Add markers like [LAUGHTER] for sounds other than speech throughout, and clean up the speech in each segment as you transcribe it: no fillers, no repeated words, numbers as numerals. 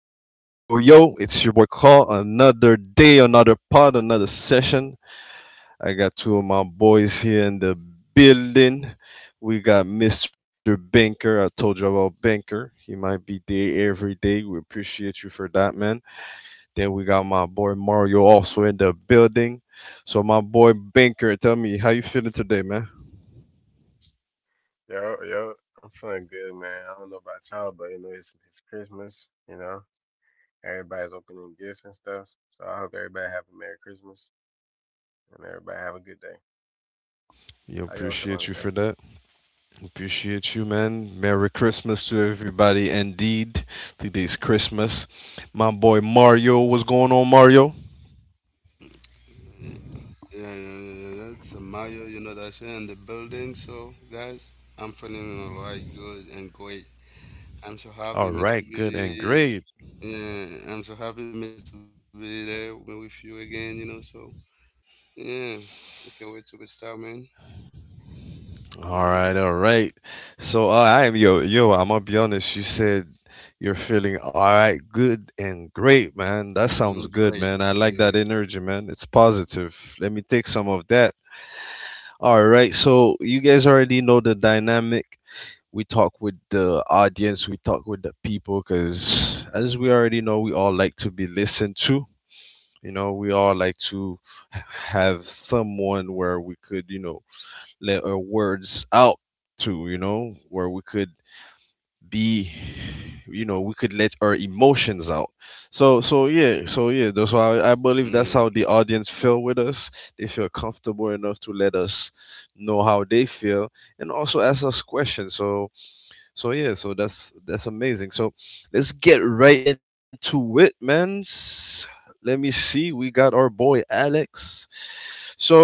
yo, it's your boy Call. Another day, another pod, another session. I got two of my boys here in the building. We got Mr. Banker. I told you about Banker. He might be there every day. We appreciate you for that, man. Then we got my boy Mario also in the building. So, my boy Banker, tell me how you feeling today, man? Yo, yo, I'm feeling good, man. I don't know about y'all, but you know it's Christmas. You know, everybody's opening gifts and stuff. So I hope everybody have a Merry Christmas and everybody have a good day. You How y'all appreciate feeling you today? for that. Appreciate you, man. Merry Christmas to everybody. Indeed, today's Christmas. My boy Mario, what's going on, Mario? Yeah, yeah, yeah, yeah, yeah. It's a Mario, you know that shit in the building. So, guys, I'm feeling alright, good and great. I'm so happy All me to right, good and be. great. Yeah, I'm so happy me to be there with you again. You know, so yeah, I can't wait to be start, man. All Mm, right, all right. So I am yo. I'm gonna be honest. You said you're feeling all right, good and great, man. great. That sounds Yeah, good, man. I like that energy, man. It's positive. Let me take some of that. All right. So you guys already know the dynamic. We talk with the audience, we talk with the people, because as we already know, we all like to be listened to. You know, we all like to have someone where we could, you know, let our words out to, you know, where we could be, you know, we could let our emotions out. So, so yeah. yeah, so yeah, that's why I believe that's how the audience feel with us. They feel comfortable enough to let us know how they feel and also ask us questions. So yeah, so that's amazing. So let's get right into it, man. Let me see. We got our boy Alex. So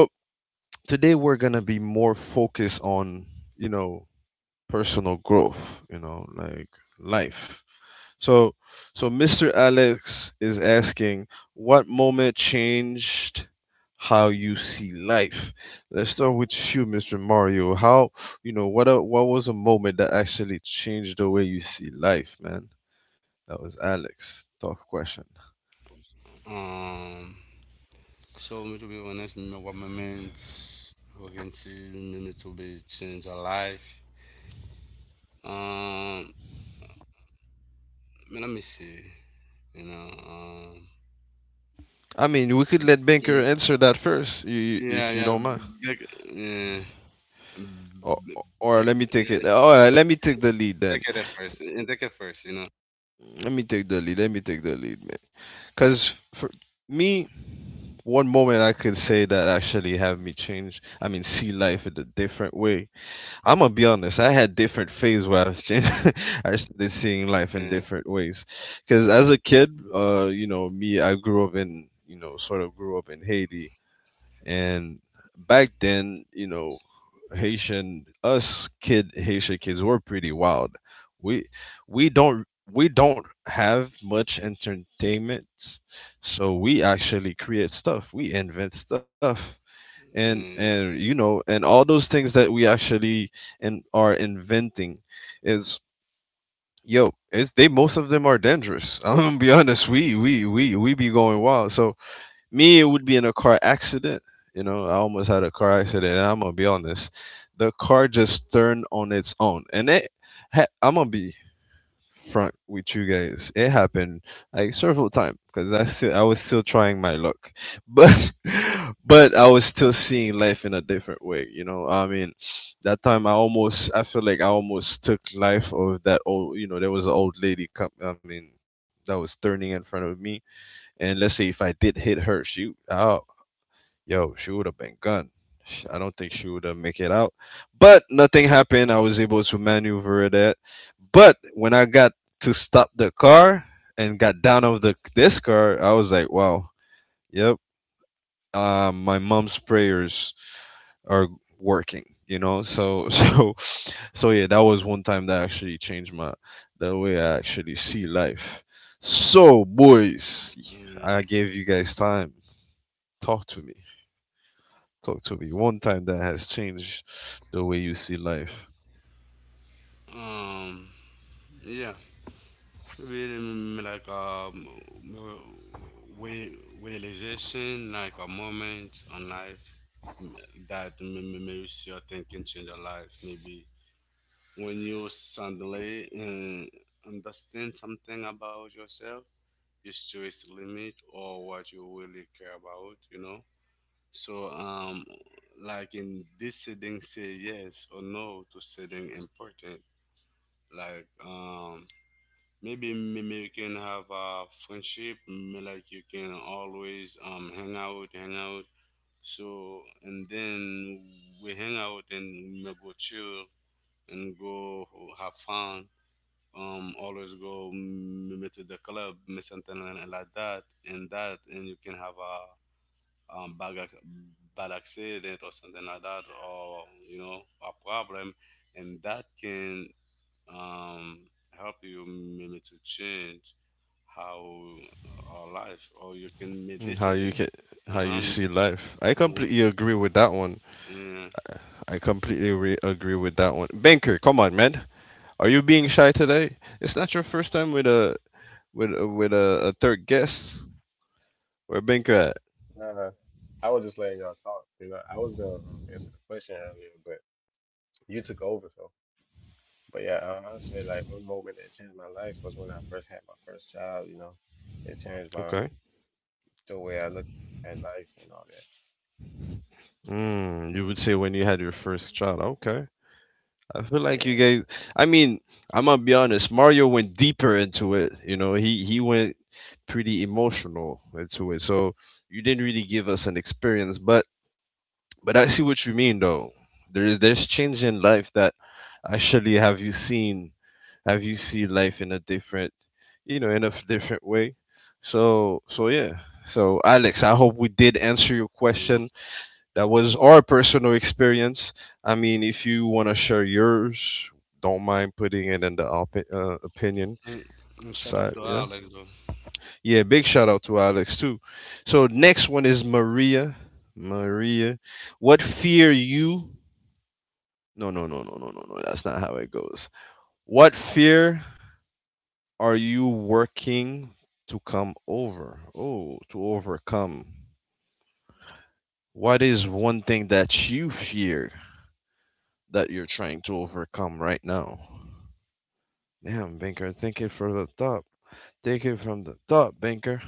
today we're gonna be more focused on you know personal growth. You know, like life. So, so Mr. Alex is asking, what moment changed how you see life? Let's start with you, Mr. Mario. You know, what was a moment that actually changed the way you see life, man? That was Alex. Tough question. Um, so me to be honest, me what moments we can see me to be change our life. Um, man, let me see. You know. Um. I mean, we could Mm, let Banker answer that first, Yeah, if you yeah, don't mind. big, yeah, Or, b- or let b- me take yeah, it. All right, let me take the lead then. take it at first, and take it first. Let me take the lead. Let me take the lead, man. Because for me, one moment I could say that actually have me change. I mean, see life in a different way. I'm gonna be honest. I had different phase where I was changing. [LAUGHS] I started seeing life in Yeah, different ways. Because as a kid, you know, me, I grew up in, you know, sort of grew up in Haiti, and back then, you know, Haitian kids were pretty wild. We we don't we don't have much entertainment, so we actually create stuff. We invent stuff, and you mm, know, and all those things that we actually and are inventing is yo. It's, they most of them are dangerous. [LAUGHS] I'm gonna be honest. We be going wild. So me it would be in a car accident, you know, I almost had a car accident, and I'm gonna be honest, the car just turned on its own and it I'm gonna be front with you guys, it happened like several times because I was still trying my luck, but [LAUGHS] but I was still seeing life in a different way, you know I mean, that time I almost, I feel like I almost took life of that old, you know, there was an old lady come, I mean, that was turning in front of me, and let's say if I did hit her, oh yo, she would have been gone. I don't think she would have make it out. But nothing happened. I was able to maneuver that. But when I got to stop the car and got down of the this car, I was like, wow, yep. My mom's prayers are working. You know, so [LAUGHS] so yeah, that was one time that actually changed my the way I actually see life. So boys, I mm. gave you guys time. Talk to me. Talk to me. One time that has changed the way you see life. Um, yeah, maybe like realization, like a moment on life m- that makes your thinking change your life. Maybe when you suddenly understand something about yourself is to it's just limit or what you really care about, you know? So, like in this setting, say yes or no to setting important. Like, maybe you can have a friendship, like you can always hang out, hang out. So, and then we hang out and we may go chill and go have fun always go to the club miss something like that and that and you can have a um bad, ac- bad accident or something like that, or you know a problem, and that can um help you maybe to change how our life, or you can make Mm, how decision. you can how Uh-huh, you see life. I uh-huh, completely agree with that one. yeah. Mm. I completely agree with that one. Banker, come on, man. Are you being shy today? It's not your first time with a a third guest. Where Banker at? No, no, I was just letting y'all talk. You know, I was gonna answer the question earlier, but you took over. So, but yeah, I say like one moment that changed my life was when I first had my first child. You know, it changed my Okay. the way I look at life and all that. Mm, you would say when you had your first child. Okay. I feel like you Yeah, guys. I mean, I'm gonna be honest. Mario went deeper into it. You know, he went pretty emotional into it. So you didn't really give us an experience, but I see what you mean though. There's change in life that actually have you see life in a different, you know, in a different way. So so yeah. So Alex, I hope we did answer your question. That was our personal experience. I mean, if you want to share yours, don't mind putting it in the opinion Mm, shut up side. to Yeah. Alex though. Yeah. Big shout out to Alex, too. So, next one is Maria. Maria. What fear you. No, no, no, no, no, no, no. That's not how it goes. What fear are you working to come over? Oh, to overcome. What is one thing that you fear that you're trying to overcome right now? Damn, Banker, take it from the top. Take it from the top, Banker.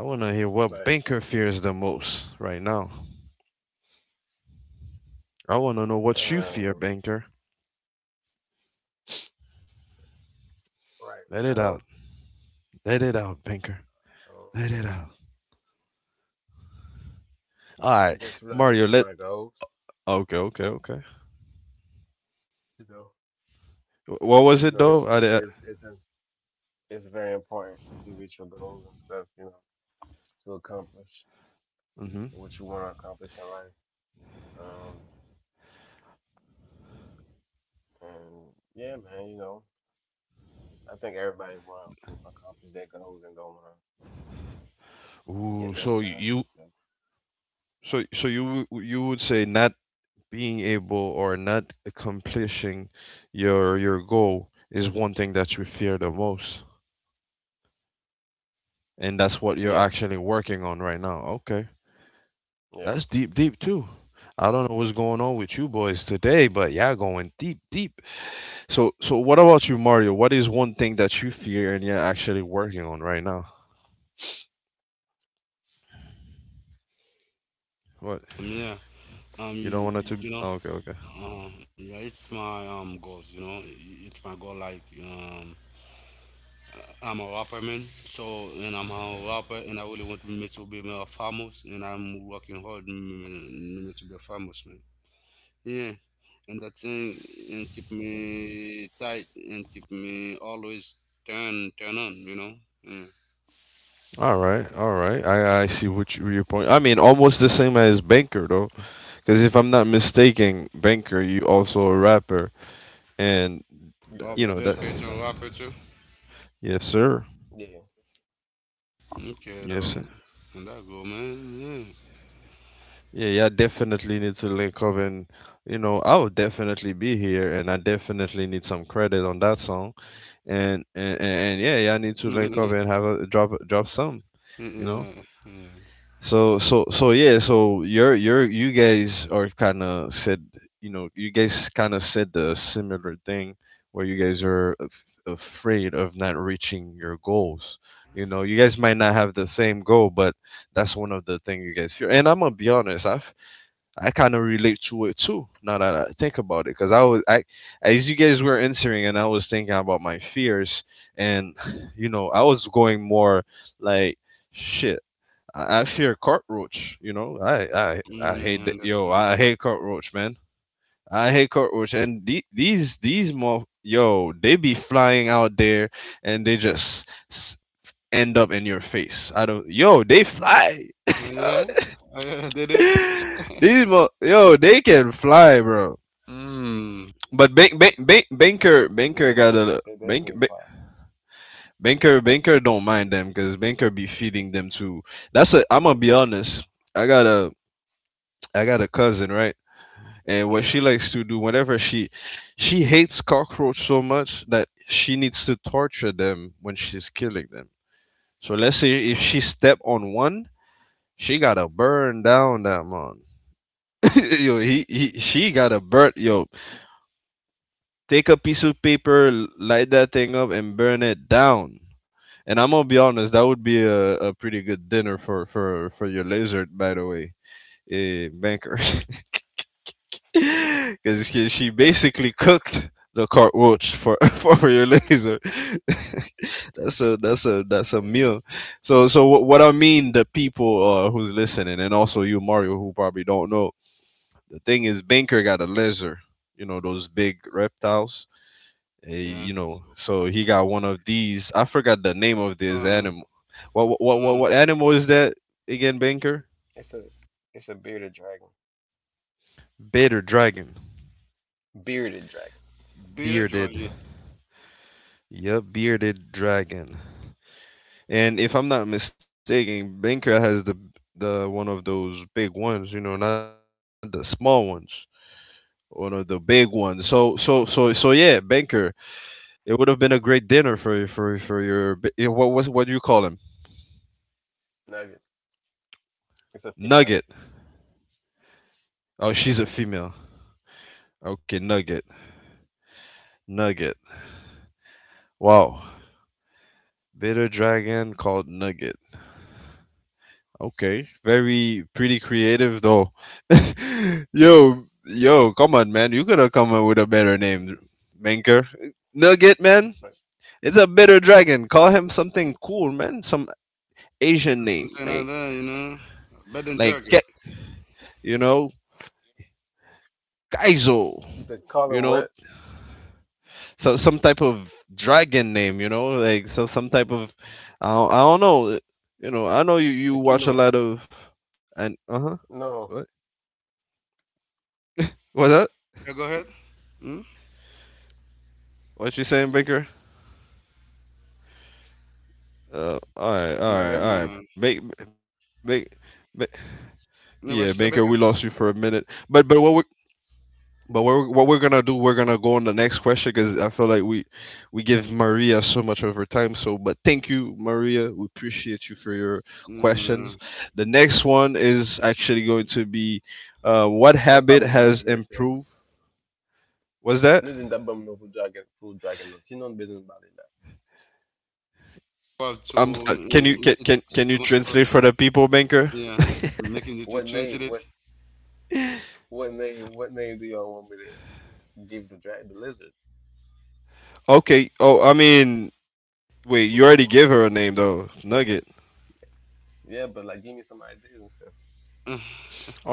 I want to hear what like Banker fears the most right now. I want to know what you fear, um, Banker. right Let it out. now. Let it out, Banker. Let Um, it and out. All I right, guess when I Mario, reach let. my goals, Okay, okay, okay. you know, What was it though? it's I think it's very important to reach your goals and stuff, you know, to accomplish hmm. what you want to accomplish in life. Um, and yeah, man, you know, I think everybody want to accomplish their goals and don't want to Ooh, get left behind and stuff. so so you would say not being able or not accomplishing your goal is one thing that you fear the most, and that's what you're Yeah, actually working on right now. Okay, yeah, that's deep, deep too. I don't know what's going on with you boys today, but yeah, going deep, deep. So, so what about you, Mario? What is one thing that you fear and you're actually working on right now? What Yeah, um you don't want it to? you know. Oh, okay, okay. Yeah, it's my goals. You know, I- it's my goal. Like I'm a rapper, man. So, and I'm a rapper, and I really want me to be more famous, and I'm working hard me, me to be famous, man. Yeah, and that thing and keep me tight and keep me always turn on. You know. Yeah. All right, all right. I see what you, your point. I mean, almost the same as Banker though, because if I'm not mistaken, Banker, you also a rapper, and yeah, Oh, you yeah, know for Bill that. sure, for Case a sure. rapper too. Yes, sir. Yeah, Okay Yes, sir. though, and that go, man. Yeah. Yeah, yeah, definitely need to link up, and you know, I will definitely be here and I definitely need some credit on that song. And yeah, yeah, I need [LAUGHS] to link up yeah, and have a drop some, you know. yeah, yeah. So yeah, so you're you guys are kind of said, you know, you guys kind of said the similar thing where you guys are afraid of not reaching your goals. You know, you guys might not have the same goal, but that's one of the thing you guys fear. And I'm gonna be honest, I kind of relate to it too. Now that I think about it, because as you guys were answering, and I was thinking about my fears, and [SIGHS] you know, I was going more like, shit, I fear cockroach. You know, I Mm, hate, I yo, understand. I hate cockroach, man. I hate cockroach, and these more, yo, they be flying out there, and they just end up in your face. I don't, yo, they fly. Oh yeah, [LAUGHS] oh yeah, they do. These [LAUGHS] yo, they can fly, bro. Mm. But banker yeah, got they, a they definitely fall. banker, banker don't mind them because banker be feeding them too. That's a. I'm gonna be honest. I got a, I got a cousin, right? And what Yeah, she likes to do, she hates cockroach so much that she needs to torture them when she's killing them. So let's say if she step on one, she gotta burn down that man. [LAUGHS] yo, she gotta burn. Yo, take a piece of paper, light that thing up, and burn it down. And I'm gonna be honest, that would be a pretty good dinner for for your lizard, by the way, a banker, [LAUGHS] because she basically cooked the cockroach for [LAUGHS] for your lizard. [LAUGHS] that's a that's a Yeah, meal. So so what I mean, the people who's listening, and also you, Mario, who probably don't know, the thing is, banker got a lizard. You know those big reptiles. Eh, yeah. you know, so he got one of these. I forgot the name of this Uh, animal. What what what what mm. what animal is that again, Banker? it's a it's a Bearded dragon, bearded dragon Beat a drug, bearded. yeah. Yep, bearded dragon. And if I'm not mistaken, Banker has the one of those big ones. You know, not the small ones. One of the big ones. So yeah, Banker. It would have been a great dinner for your b- eh, what was what do you call him? nugget. It's a female. Nugget. Oh, Yeah. she's a female. Okay, Nugget. Nugget. Wow, bitter dragon called Nugget. Okay, very pretty creative though. [LAUGHS] Yo, yo, come on, man, you could have come up with a better name, Menker. Nugget, Oh, man, but it's a bitter dragon. Call him something cool, man. Some Asian name, Something like like that, you know. Better than like Jugger. Ke- you know, Kaizo. he says, call You him know, what? so some type of dragon name. You know, like so some type of, I don't know. You know, I know you watch a Aquino. lot of, and huh. No, What's that? Yeah, go ahead. Mm? What you saying, Baker? All right, all Mm, right, entendeu? all right. yeah. Make, yeah, Baker. No, what We you said, lost you Baker? for a minute, but what we're gonna do? We're gonna go on the next question because I feel like we give Maria so much of her time. So, but thank you, Maria. We appreciate you for your Yeah. questions. The next one is actually going to be, what Bom, tá habit bom, não é has mercê. improved? Was that? Nós ainda vamos no Full Dragon, Full Dragon, não. She non business about it. Now. Well, to Can it, you it's can too you much. Translate for the people, Banker? Yeah, making you just What change name, it. what, what name do y'all want me to give the drag, the lizard? Okay. Oh, I mean, wait, you already gave her a name though, Nugget. Yeah, but like, give me some ideas and stuff. Uh,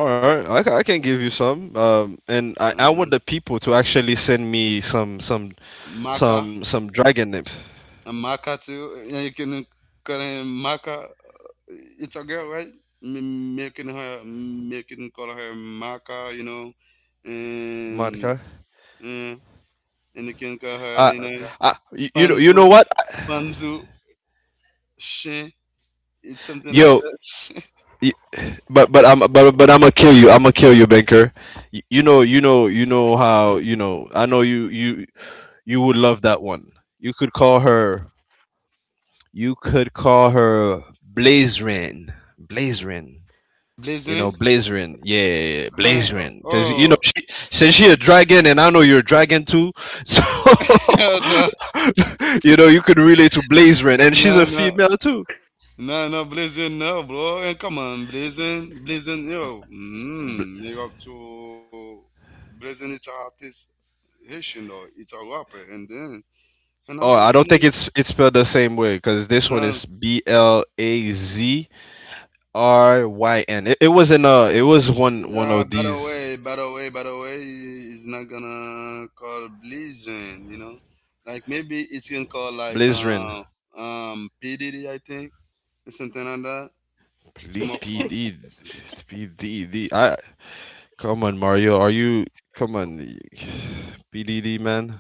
All right, I can give you some. And I uh, want the people to actually send me some some Maka, some some dragon names, and Maka too. Yeah, you can call him Maka. It's a girl, right? Making her, making call her Maka, you know, Monica. and eh, and you can call her Uh, Lena. Marca. You know, Panzo, what? Panzo, Shin. It's something like Yo, that. y- but I'm gonna kill you. I'm gonna kill you, Banker. You know you know, I know you would love that one. You could call her. You could call her Blazerin. Blazerin. [LAUGHS] You know, Blazwin, Blazerin. Yeah, yeah, yeah, her, Blazerin. Because, you know, oh, she, since she a dragon and I know you're a dragon too. So, [LAUGHS] no, no, [LAUGHS] you know, you could relate to Blazerin. And she's a no, female too. no, no, Blazwin, no, bro. And come on, Blazwin, Blazwin, yo, Bl- you have to. Blazwin, it's an artist, Haitian though. It's a rapper, and then and Oh, how I you don't think can. it's spelled the same way because this one No, is Blazryn. It was one yeah, of by the these way, by the way, by the way, it's not gonna call Blizzard, you know? Like maybe it's gonna call like Blizzrin. PDD, I think, or something like that. P It's more P D fun. [LAUGHS] P D D. I Come on, Mario, are you, come on, [SIGHS] PDD, man?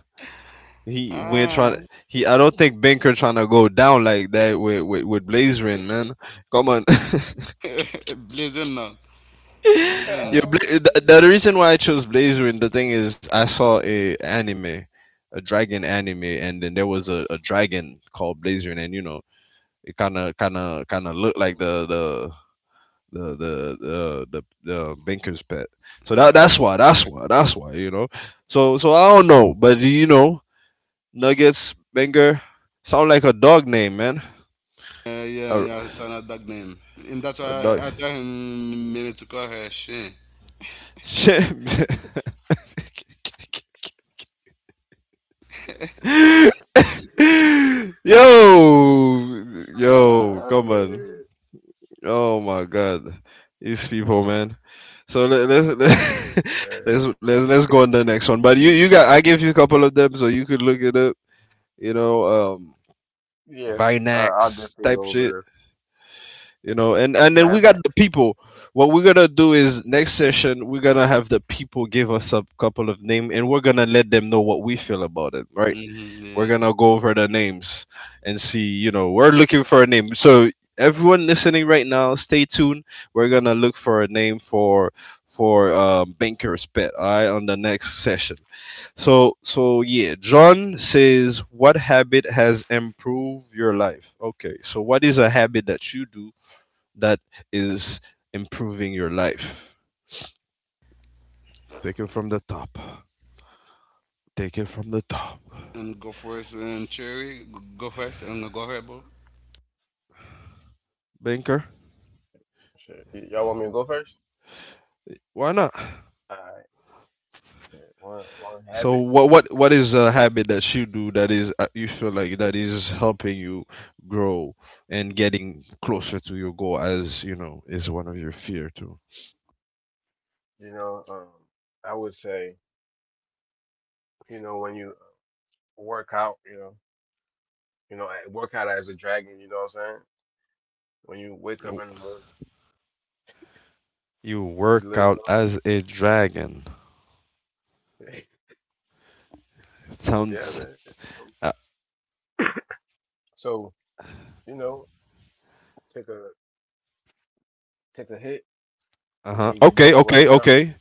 He We're trying. Ah, He I don't think banker trying to go down like that with Blazerin, man. Come on. [LAUGHS] [LAUGHS] Blizzard no, Blizzard Yeah, no. the reason why I chose Blazerin, the thing is, I saw a anime, a dragon anime, and then there was a dragon called Blazerin, and you know, it kind of looked like the. The Binker's pet, so Yeah, that I got that's why you, I that's got why that's why you know, so, I don't know, but you know, Nuggets, Banger. Sound like a dog name, man. you. Yeah, A, yeah, it's not that name, and that's why a dog. I tell him maybe to call her Shane. Shit. [LAUGHS] Yo, yo, come on. Oh my God, these people, man. So, let, let's [LAUGHS] let's go on the next one. But you got I gave you a couple of them, so you could look it up. You know, um, Yeah, I'll Vinax definitely type go over shit. the You know, and then Mad we got the Max. people. What we're gonna do is, next session, we're gonna have the people give us a couple of names, and we're gonna let them know what we feel about it, right? Shin. Hmm, We're yeah, gonna go over the names and see, you know, we're looking for a name. So everyone listening right now, stay tuned. We're gonna look for a name for Banker's pet, all right, on the next session. So so yeah, John says, what habit has improved your life? Okay, so what is a habit that you do that is improving your life. Take it from the top. Take it from the top. and go first and Cherry, go first and go ahead, bro. Banker, Sure. Y- Y'all want me to go first? why not? All right. One So habit. what is a habit that you do that is, you feel like that is helping you grow and getting closer to your goal, as you know, is one of your fear too. You know, I would say, you know, when you work out, you know, I work out as a dragon. You know what I'm saying? When you wake up in the morning, You work you lift out up. as a dragon. [LAUGHS] Yeah, Sounds man. So, uh so you know, take a take a hit, huh. then you get Okay, back to okay, working out. okay,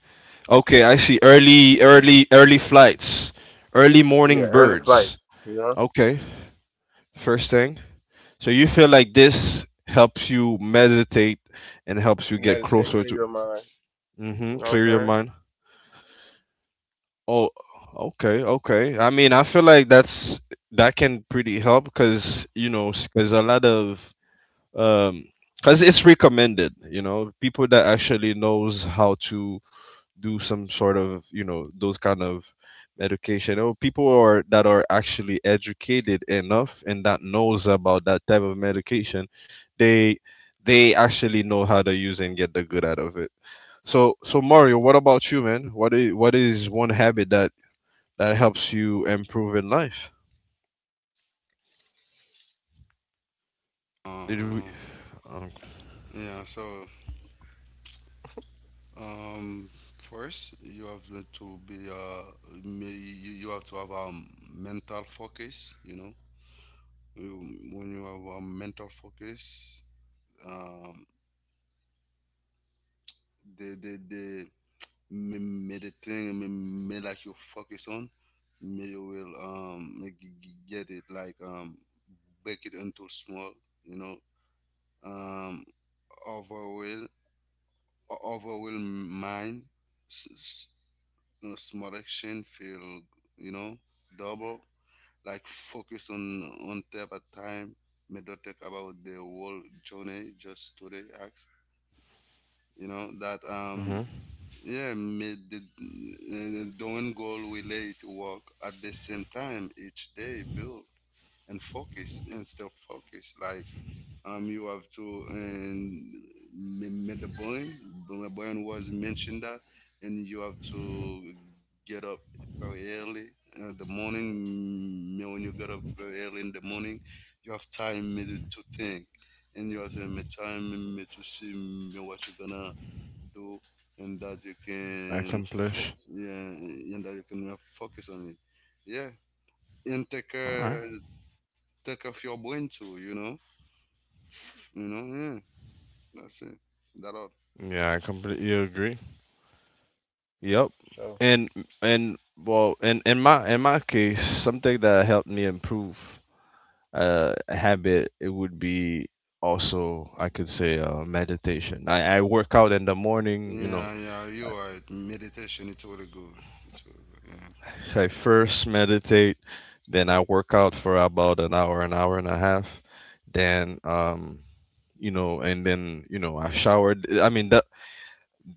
okay. I see. Early, And then early, early flights. Early morning yeah, early birds. flights. You know, Okay. First thing. So you feel like this helps you meditate and helps you get closer meditate, to, clear your mind. You know what clear I'm your saying? mind. Oh, okay, okay. I mean, I feel like that can pretty help because, you know, because a lot of, um because it's recommended. You know, people that actually knows how to do some sort of, you know, those kind of education, or people are that are actually educated enough and that knows about that type of medication, they they actually know how to use and get the good out of it. So so Mario, what about you, man? What is what is one habit that that helps you improve in life? Did we, Uh, um, yeah, so. Um, first, you have to be you have to have a mental focus. You know, when you have a mental focus, um, the may the thing may like you focus on, may you will may get it like break it into small. You know, um, overwhelm overwhelm mind, small action feel, you know, double, like focus on step at time, may not think about the whole journey, just today acts, you know that mhm, yeah made the the one goal relate to work at the same time each day, build and focus and still focus, like you have to, and met the boy. The boy was mentioned that, and you have to get up very early in the morning. Me, when you get up very early in the morning, you have time maybe to think, and you have me, time maybe to see me, what you're gonna do, and that you can accomplish? yeah, and that you can focus on it. Yeah, and take All right. Take off your brain too. You know, you know, yeah. That's it. That all. Yeah, I completely agree. Yep. For And sure. and well, in my case, something that helped me improve, habit, it would be also, I could say, meditation. I work out in the morning, you know. Yeah, yeah, you are right. Meditation, it's really good. It's really good, yeah. I first meditate, then I work out for about an hour and a half, then, you know, and then, you know, I showered. I mean that,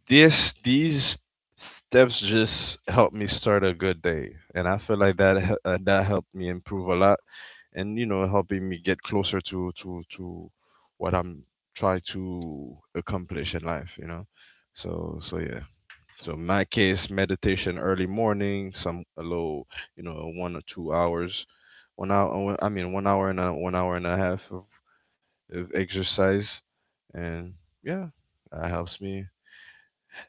this these steps just helped me start a good day, and I feel like that helped me improve a lot, and you know, helping me get closer to what I'm trying to accomplish in life, you know. So so yeah, so in my case, meditation, early morning, some a little, you know, 1 or 2 hours, one hour, I mean, one hour and a, one hour and a half of exercise, and yeah, that helps me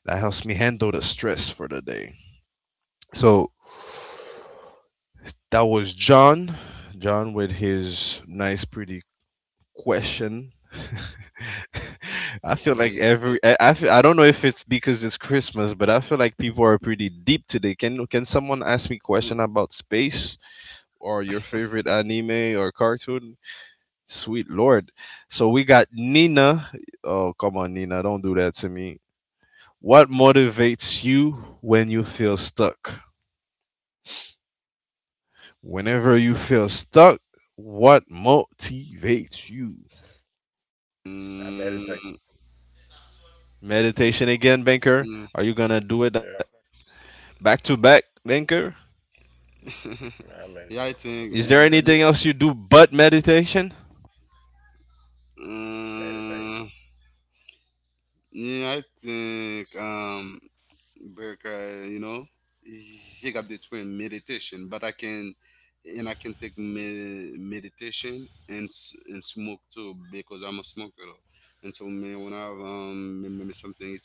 that helps me handle the stress for the day. So that was John. John with his nice, pretty question. [LAUGHS] I feel I like see. every, feel, I don't know if it's because it's Christmas, but I feel like people are pretty deep today. Can someone ask me question about space or your favorite anime or cartoon? Sweet Lord. So we got Nina. Oh, come on, Nina, don't do that to me. What motivates you when you feel stuck? Whenever you feel stuck, what motivates you? I Mm, meditate. Meditation again, mm. banker. Are you gonna do it Yeah, back to back, banker? man, I [LAUGHS] yeah, I meditate think, almost Is almost there every day. anything else you do but meditation? I um, yeah, I think, Berka, you know, he got the twin meditation, but I can, and I can take meditation and and smoke too because I'm a smoker, though. And so me, when I have me, me something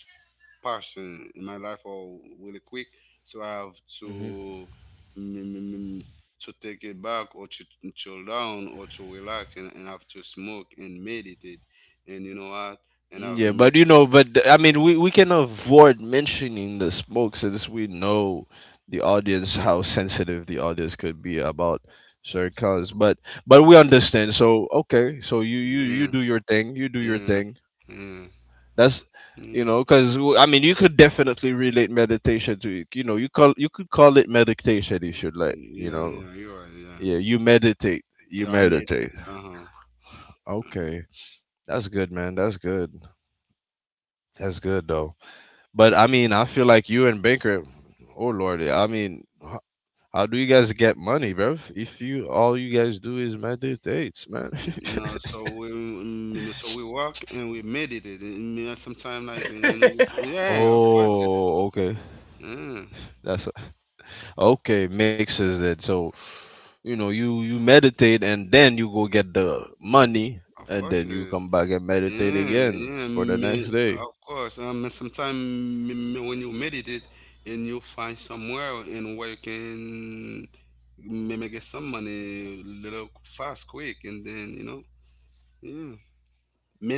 person in my life or really quick, so I have Mhm. to mm, mm, mm, mm, to take it back, or to chill down, or to relax, and have to smoke and meditate, and you know what, and I've Yeah, met, but you know, I mean, we can avoid mentioning the smoke since we know the audience, how sensitive the audience could be about certain cause. But we understand. So okay, so you yeah, do your thing. You do your yeah, thing. yeah. That's, you Mm, know, because I mean, you could definitely relate meditation to, you know, you could call it meditation if you like. You yeah, know, yeah, you're right, yeah, yeah, you meditate. You yeah, I meditate. meditate. Uh-huh. Mm, Okay, that's good, man. That's good. That's good though. But I mean, I feel like you and Baker, oh Lord, I mean, how do you guys get money, bro? If you all you guys do is meditates, man. no, so we so we [LAUGHS] walk and we meditate and sometimes like, think. and Meditate. we, [LAUGHS] yeah of course it Oh, okay. is. Yeah That's okay. Mixes it. So you know, you meditate, and then you go get the money, of and course then it you is. come back and meditate Yeah, again yeah, for the next me, day. of course. And sometimes when you meditate and you find somewhere and where you can maybe get some money little fast, quick, and then, you know, yeah.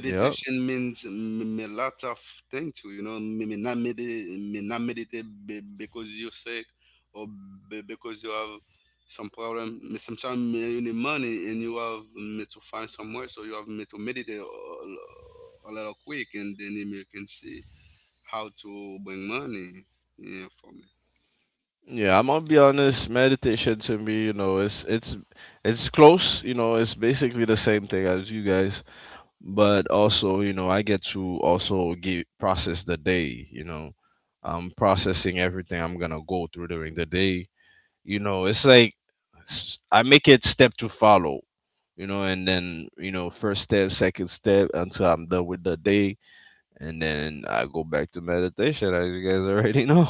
Yeah, means a lot of thing too, you know. Me, me not medi- me not meditate because you're sick, or because you have some problem. Me sometimes me you need money and you have me to find somewhere, so you have me to meditate a little quick, and then you can see how to bring money. Yeah, yeah, I'm gonna be honest. Meditation to me, you know, it's close. You know, it's basically the same thing as you guys. But also, you know, I get to also give, process the day. You know, I'm processing everything I'm gonna go through during the day. You know, it's like, I make it step to follow, you know, and then, you know, first step, second step, until I'm done with the day, and then I go back to meditation, as you guys already know.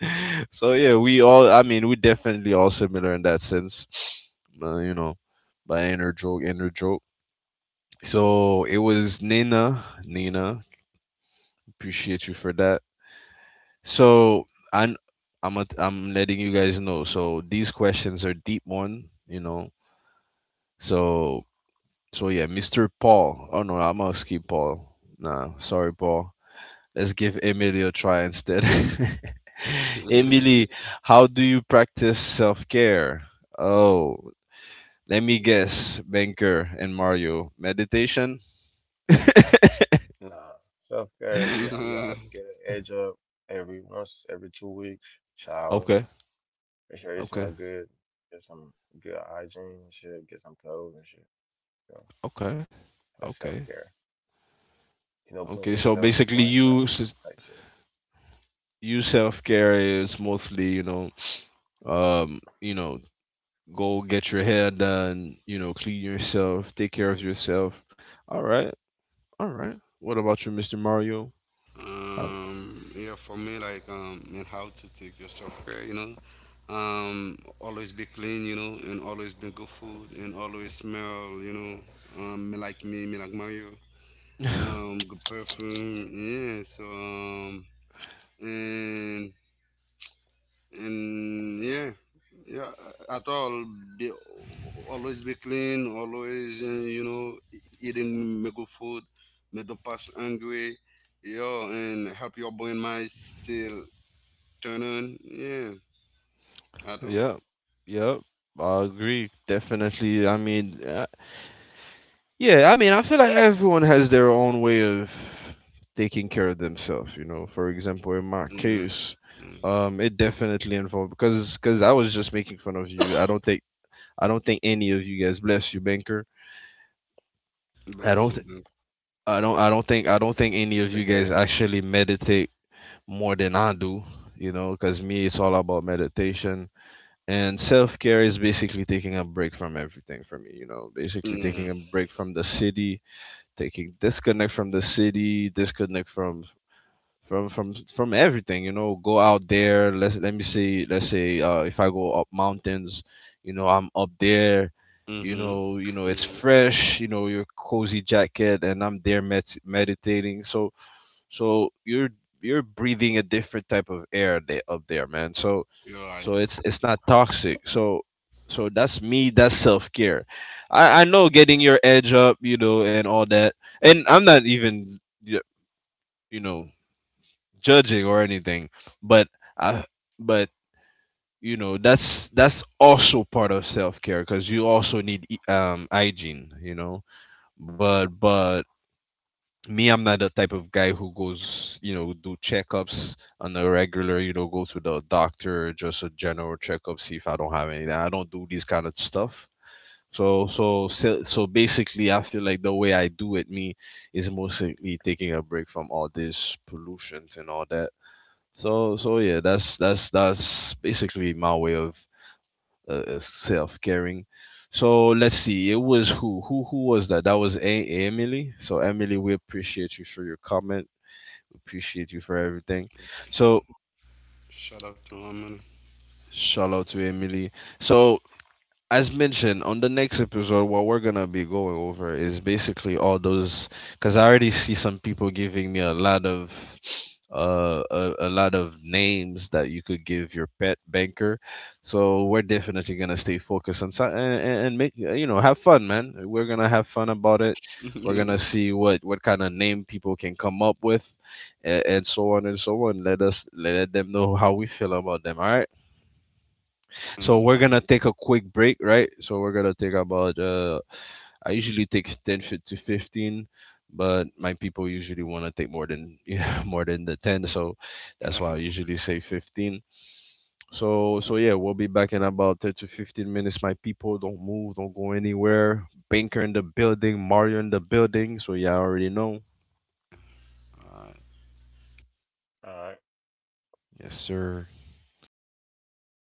[LAUGHS] So yeah, we all, I mean, we definitely all similar in that sense [SNIFFS] you know, by inner joke, inner joke. So it was Nina. Nina, appreciate you for that. So I'm letting you guys know. So these questions are deep one, you know. So so yeah, Mr. Paul. Oh no, I'm gonna skip Paul. Nah, sorry, Paul. Let's give Emily a try instead. [LAUGHS] for Emily, how do you practice self care? Oh, let me guess, Banker and Mario. Meditation? Nah, self care, you [LAUGHS] me. gotta [LAUGHS] get an edge up every once every two weeks. Shower, Okay, make sure you okay, smell good, get some good hygiene and shit, get some clothes and shit. You know, okay, that's self okay. care. You know, putting Okay, so yourself basically, before anybody you s- else type shit. you self care is mostly, you know, you know, go get your hair done, you know, clean yourself, take care of yourself. All right, all right. What about you, Mr. Mario? Uh, yeah, for me, like, and how to take your self care, you know. Always be clean, you know, and always be good food, and always smell, you know, me like Mario, [LAUGHS] good perfume, yeah. So, and and yeah, yeah, at all, be always be clean, always, you know, eating me good food, me don't pass hungry. Yo, and help your brain mind still turn on, yeah, I do. yeah, yeah. I agree. Definitely. I mean, yeah, I mean, I feel like everyone has their own way of taking care of themselves. You know, for example, in my Yeah, case, mm. It definitely involved because I was just making fun of you. I don't think any of you guys, bless you, banker. I Bless don't you, th- man. I don't think any of you Appreciate it. guys actually meditate more than I do. You know, because me, it's all about meditation. And self care is basically taking a break from everything for me, you know, basically taking Yeah. a break from the city. They can disconnect from the city, disconnect from everything. You know, go out there. Let me see. Let's say, if I go up mountains, you know, I'm up there. Mm-hmm. You know, it's Mm-hmm. fresh. You know, your cozy jacket, and I'm there meditating. So so you're breathing a different type of air they, up there, man. So You're right. so it's not toxic. So so that's me. That's self care. I know getting your edge up, you know, and all that. And I'm not even, y- you know, judging or anything, but I but you know, that's also part of self care because you also need, hygiene, you know. But me, I'm not the type of guy who goes, you know, do checkups on a regular, you know, go to the doctor, just a general checkup, see if I don't have anything. I don't do these kind of stuff. So so so, so basically, I feel like the way I do it, me, is mostly taking a break from all this pollutions and all that. So so yeah, that's basically my way of, self-caring. So let's see. It was who? Who? Who was that? That was Emily. So Emily, we appreciate you for your comment. Appreciate you for everything. So Shout out to Harmony. shout out to Emily. So as mentioned, on the next episode, what we're gonna be going over is basically all those. Because I already see some people giving me a lot of names that you could give your pet banker. So we're definitely gonna stay focused on, so- and make, you know, have fun, man. We're gonna have fun about it. We're gonna [LAUGHS] see what kind of name people can come up with, and so on and so on. Let us let them know how we feel about them. All right. So we're mm. [LAUGHS] gonna take a quick break, right? So we're gonna take about, I usually take 10 to 15, but my people usually want to take more than [LAUGHS] yeah, more than the 10, so All that's why I usually say 15. So so yeah, we'll be back in about 10 to 15 minutes. My people, don't move, don't go anywhere. Banker in the building, Mario in the building. So yeah, I already know. right. All right. Yes, sir. [LAUGHS]